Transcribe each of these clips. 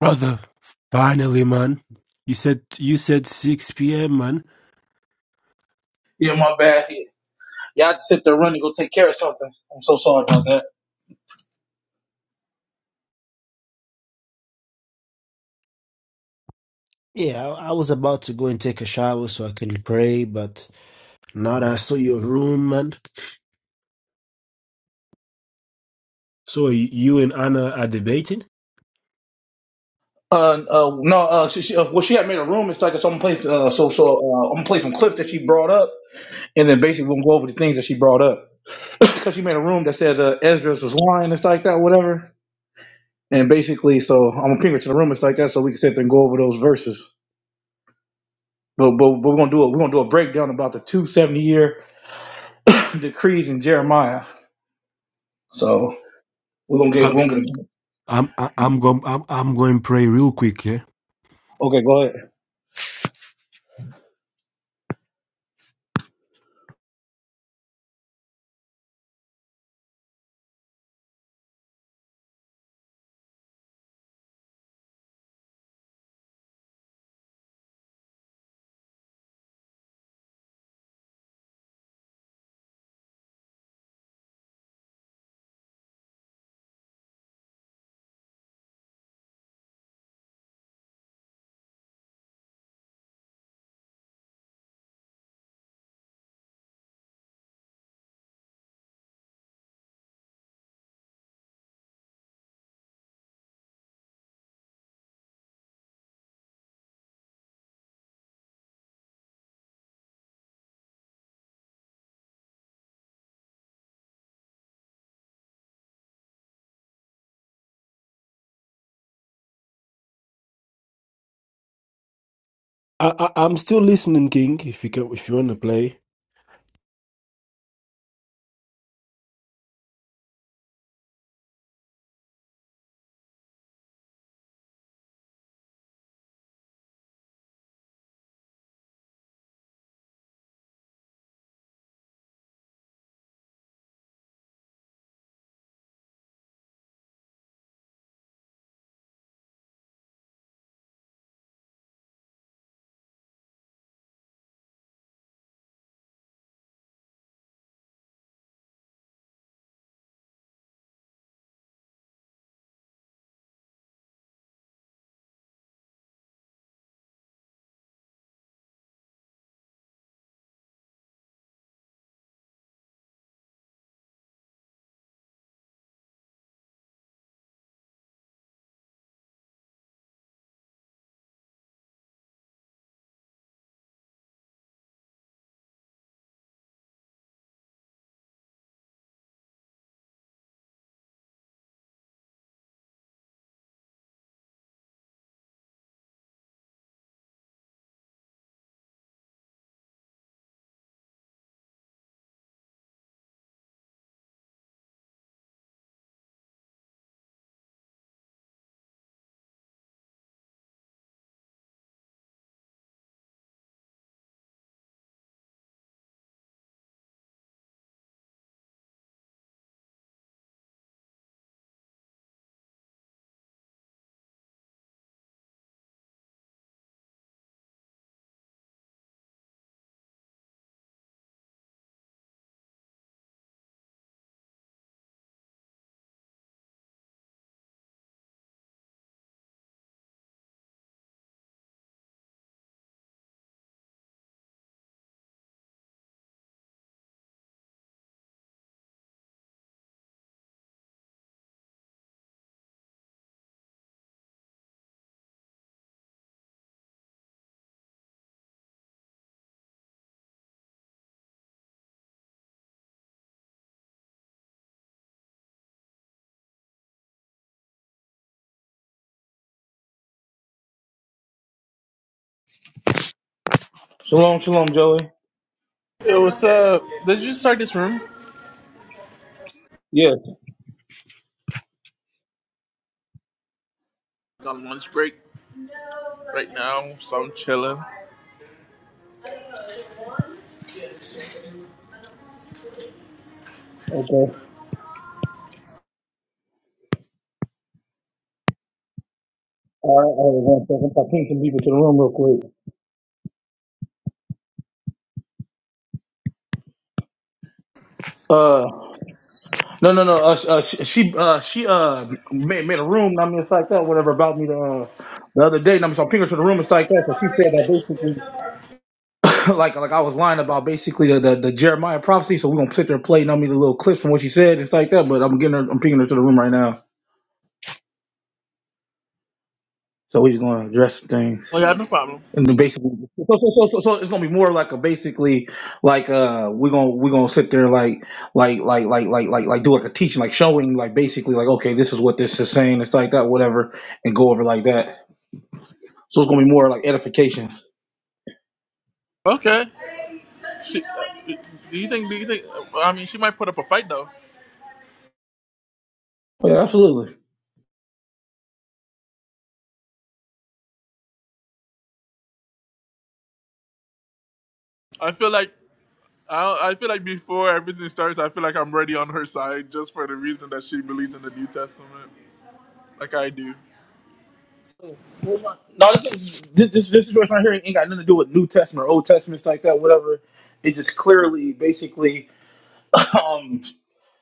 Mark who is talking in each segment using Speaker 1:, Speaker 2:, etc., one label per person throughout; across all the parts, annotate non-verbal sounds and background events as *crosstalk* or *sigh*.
Speaker 1: Brother, finally, man. You said you said 6 p.m., man.
Speaker 2: Yeah, my bad. Y'all just sit there running, go take care of something. I'm so sorry about that.
Speaker 1: Yeah, I, I was about to go and take a shower so I can pray, but now that I saw your room, man, So y- you and Anna are debating?
Speaker 2: Uh, uh no, uh, she, she, uh, well, she had made a room and stuff. So I'm gonna play, uh, so, so, uh, I'm gonna play some clips that she brought up, and then basically we'll go over the things that she brought up because she made a room that says uh, Esdras was lying and stuff like that, whatever. And basically, so I'm gonna ping her to the room and stuff like that, so we can sit there and go over those verses. But, but, but we're gonna do a we're gonna do a breakdown about the 270 year *clears throat* decrees in Jeremiah. So we're gonna
Speaker 1: I,
Speaker 2: get we're gonna get.
Speaker 1: I'm I, I'm going I'm I'm going pray real quick. Yeah,
Speaker 2: Okay, go ahead.
Speaker 1: I, I I'm still listening, King. If you can, if you want to play.
Speaker 2: Shalom, shalom, Joey.
Speaker 3: Yo, what's up? Did you start this room?
Speaker 2: Yes.
Speaker 3: Got lunch break right now, so I'm chilling.
Speaker 2: Okay. All right, all right, one second. I pinged some people to the room real quick. Uh, no, no, no. Uh, sh- uh, she, she, uh, she, uh, made, made a room. I mean, it's like that, whatever about me the uh, the other day. And I mean, so I pinged her to the room. It's like that. So she said that basically, *coughs* like, like I was lying about basically the, the, the Jeremiah prophecy. So we gonna sit there playing. I mean, the little clips from what she said. It's like that. But I'm getting her. I'm pinging her to the room right now. So we just gonna address some things.
Speaker 3: Oh yeah, no problem.
Speaker 2: And then basically, so, so, so, so, so it's gonna be more like a basically like uh we're gonna we're gonna sit there like like like like like like like do like a teaching like showing like basically like okay this is what this is saying it's like that whatever and go over like that. So it's gonna be more like edification.
Speaker 3: Okay. She, uh, do you think? Do you think? I mean, she might put up a fight though.
Speaker 2: Oh, Yeah, absolutely.
Speaker 3: I feel like I, I feel like before everything starts, I feel like I'm ready on her side just for the reason that she believes in the New Testament, like I do.
Speaker 2: No, this this this this situation right here ain't got nothing to do with New Testament or Old Testament stuff like that whatever. It just clearly basically um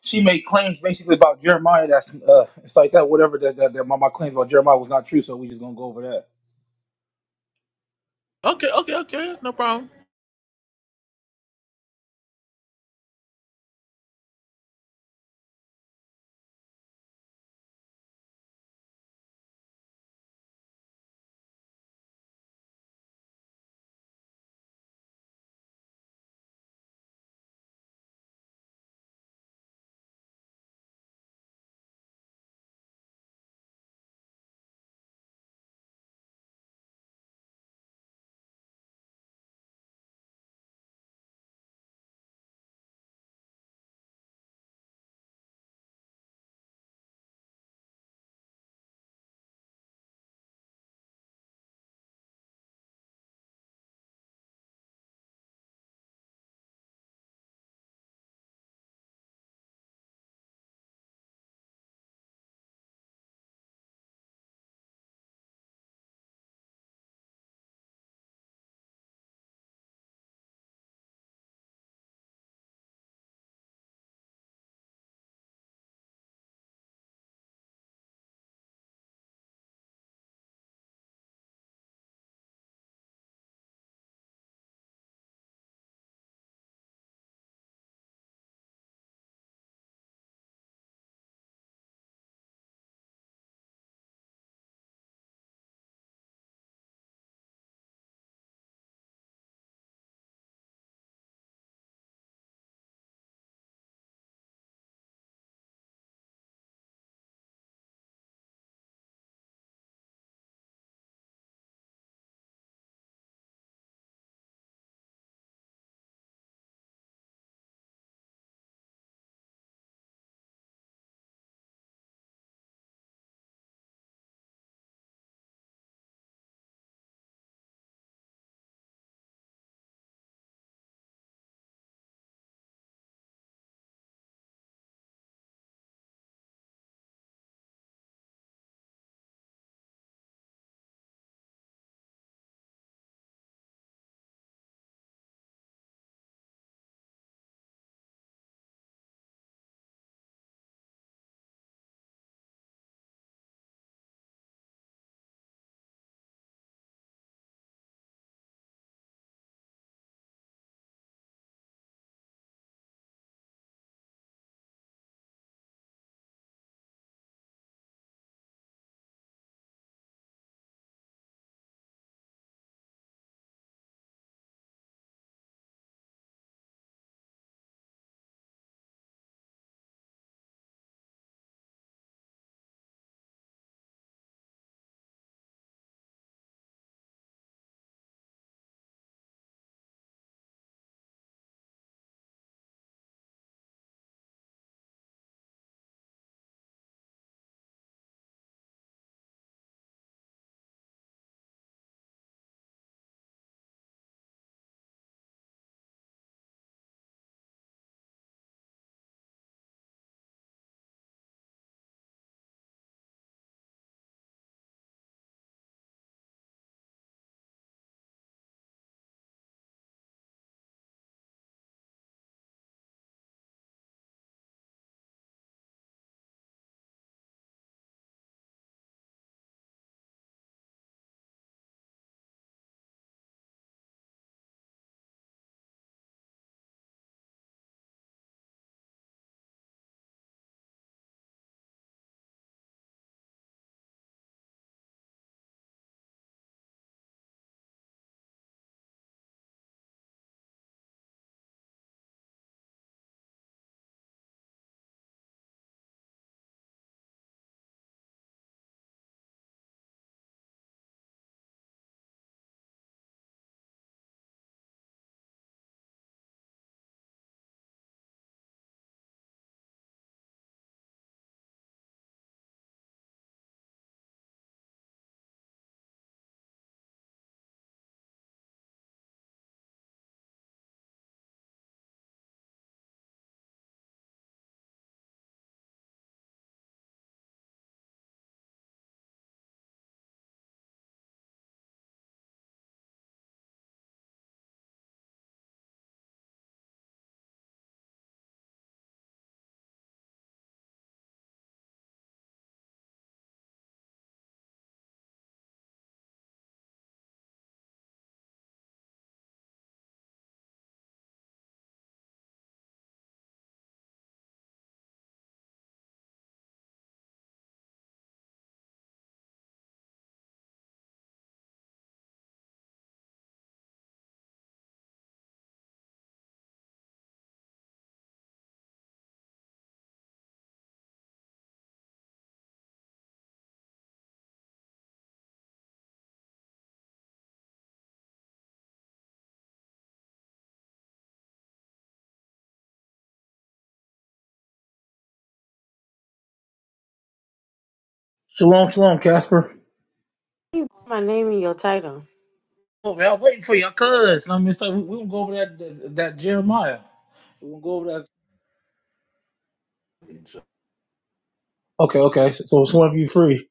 Speaker 2: she made claims basically about Jeremiah that's uh it's like that whatever that that, that my, my claims about Jeremiah was not true so we just gonna go over that.
Speaker 3: Okay, okay, okay, no problem.
Speaker 2: Shalom, shalom, Casper.
Speaker 4: My name and your title.
Speaker 2: Oh, man, I'm waiting for your cuz. I mean, so we, we gonna go over that, that that Jeremiah. We gonna go over that. Okay, okay. So, so it's one of you free.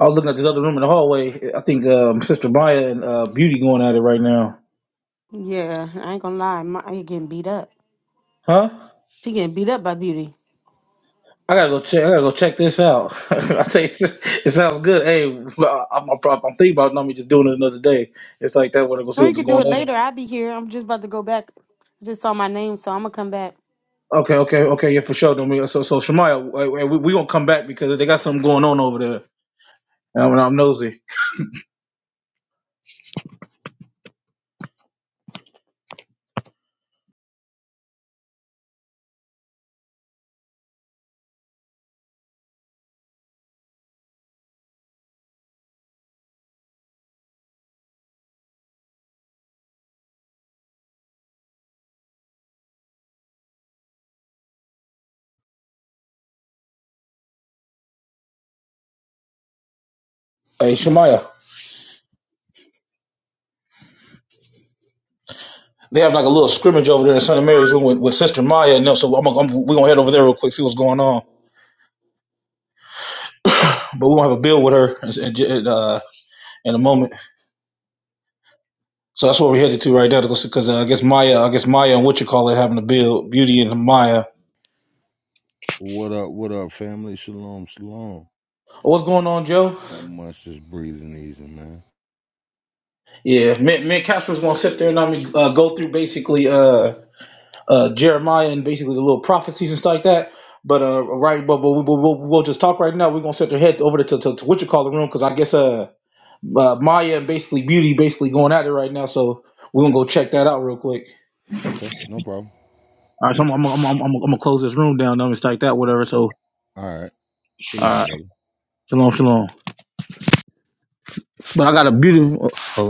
Speaker 2: I was looking at this other room in the hallway. I think um, Sister Maya and uh, Beauty going at it right now.
Speaker 4: Yeah, I ain't gonna lie. My, I getting beat up.
Speaker 2: Huh?
Speaker 4: She getting beat up by Beauty.
Speaker 2: I gotta go check. I gotta go check this out. *laughs* I tell you, *laughs* it sounds good. Hey, I- I'm, I'm, prob- I'm thinking about not me just doing it another day. It's like that. When I go see
Speaker 4: Or you
Speaker 2: what's
Speaker 4: can do
Speaker 2: going
Speaker 4: it
Speaker 2: on.
Speaker 4: later. I'll be here. I'm just about to go back. I just saw my name, so I'm gonna come back.
Speaker 2: Okay, okay, okay. Yeah, for sure. do we- So, so Shemaya, we, we we gonna come back because they got something going on over there. And I'm, I'm nosy. Hey, Shemaya. They have like a little scrimmage over there in Santa Mary's room with, with Sister Maya and them. So I'm, I'm, we're going to head over there real quick, see what's going on. But we're going to have a bill with her in, in, uh, in a moment. So that's where we're headed to right now because uh, I guess Maya, I guess Maya and what you call it, having a bill, Beauty and Maya.
Speaker 5: What up, what up, family? Shalom, shalom.
Speaker 2: What's going on, Joe?
Speaker 5: Not much, just breathing easy, man.
Speaker 2: Yeah, me, me and Casper's going to sit there and I'm gonna, uh, go through basically uh, uh, Jeremiah and basically the little prophecies and stuff like that. But uh, right, but, but we, we'll, we'll just talk right now. We're gonna set their head over to, to, to what you call the room because I guess uh uh, Maya and basically Beauty basically going at it right now. So we're gonna go check that out real quick.
Speaker 5: Okay, no problem.
Speaker 2: All right, so I'm I'm I'm I'm, I'm gonna close this room down. I'm gonna strike that
Speaker 5: Uh,
Speaker 2: whatever. So all
Speaker 5: All right, shalom,
Speaker 2: right,
Speaker 5: brother.
Speaker 2: shalom, shalom. But I got a beautiful. Oh,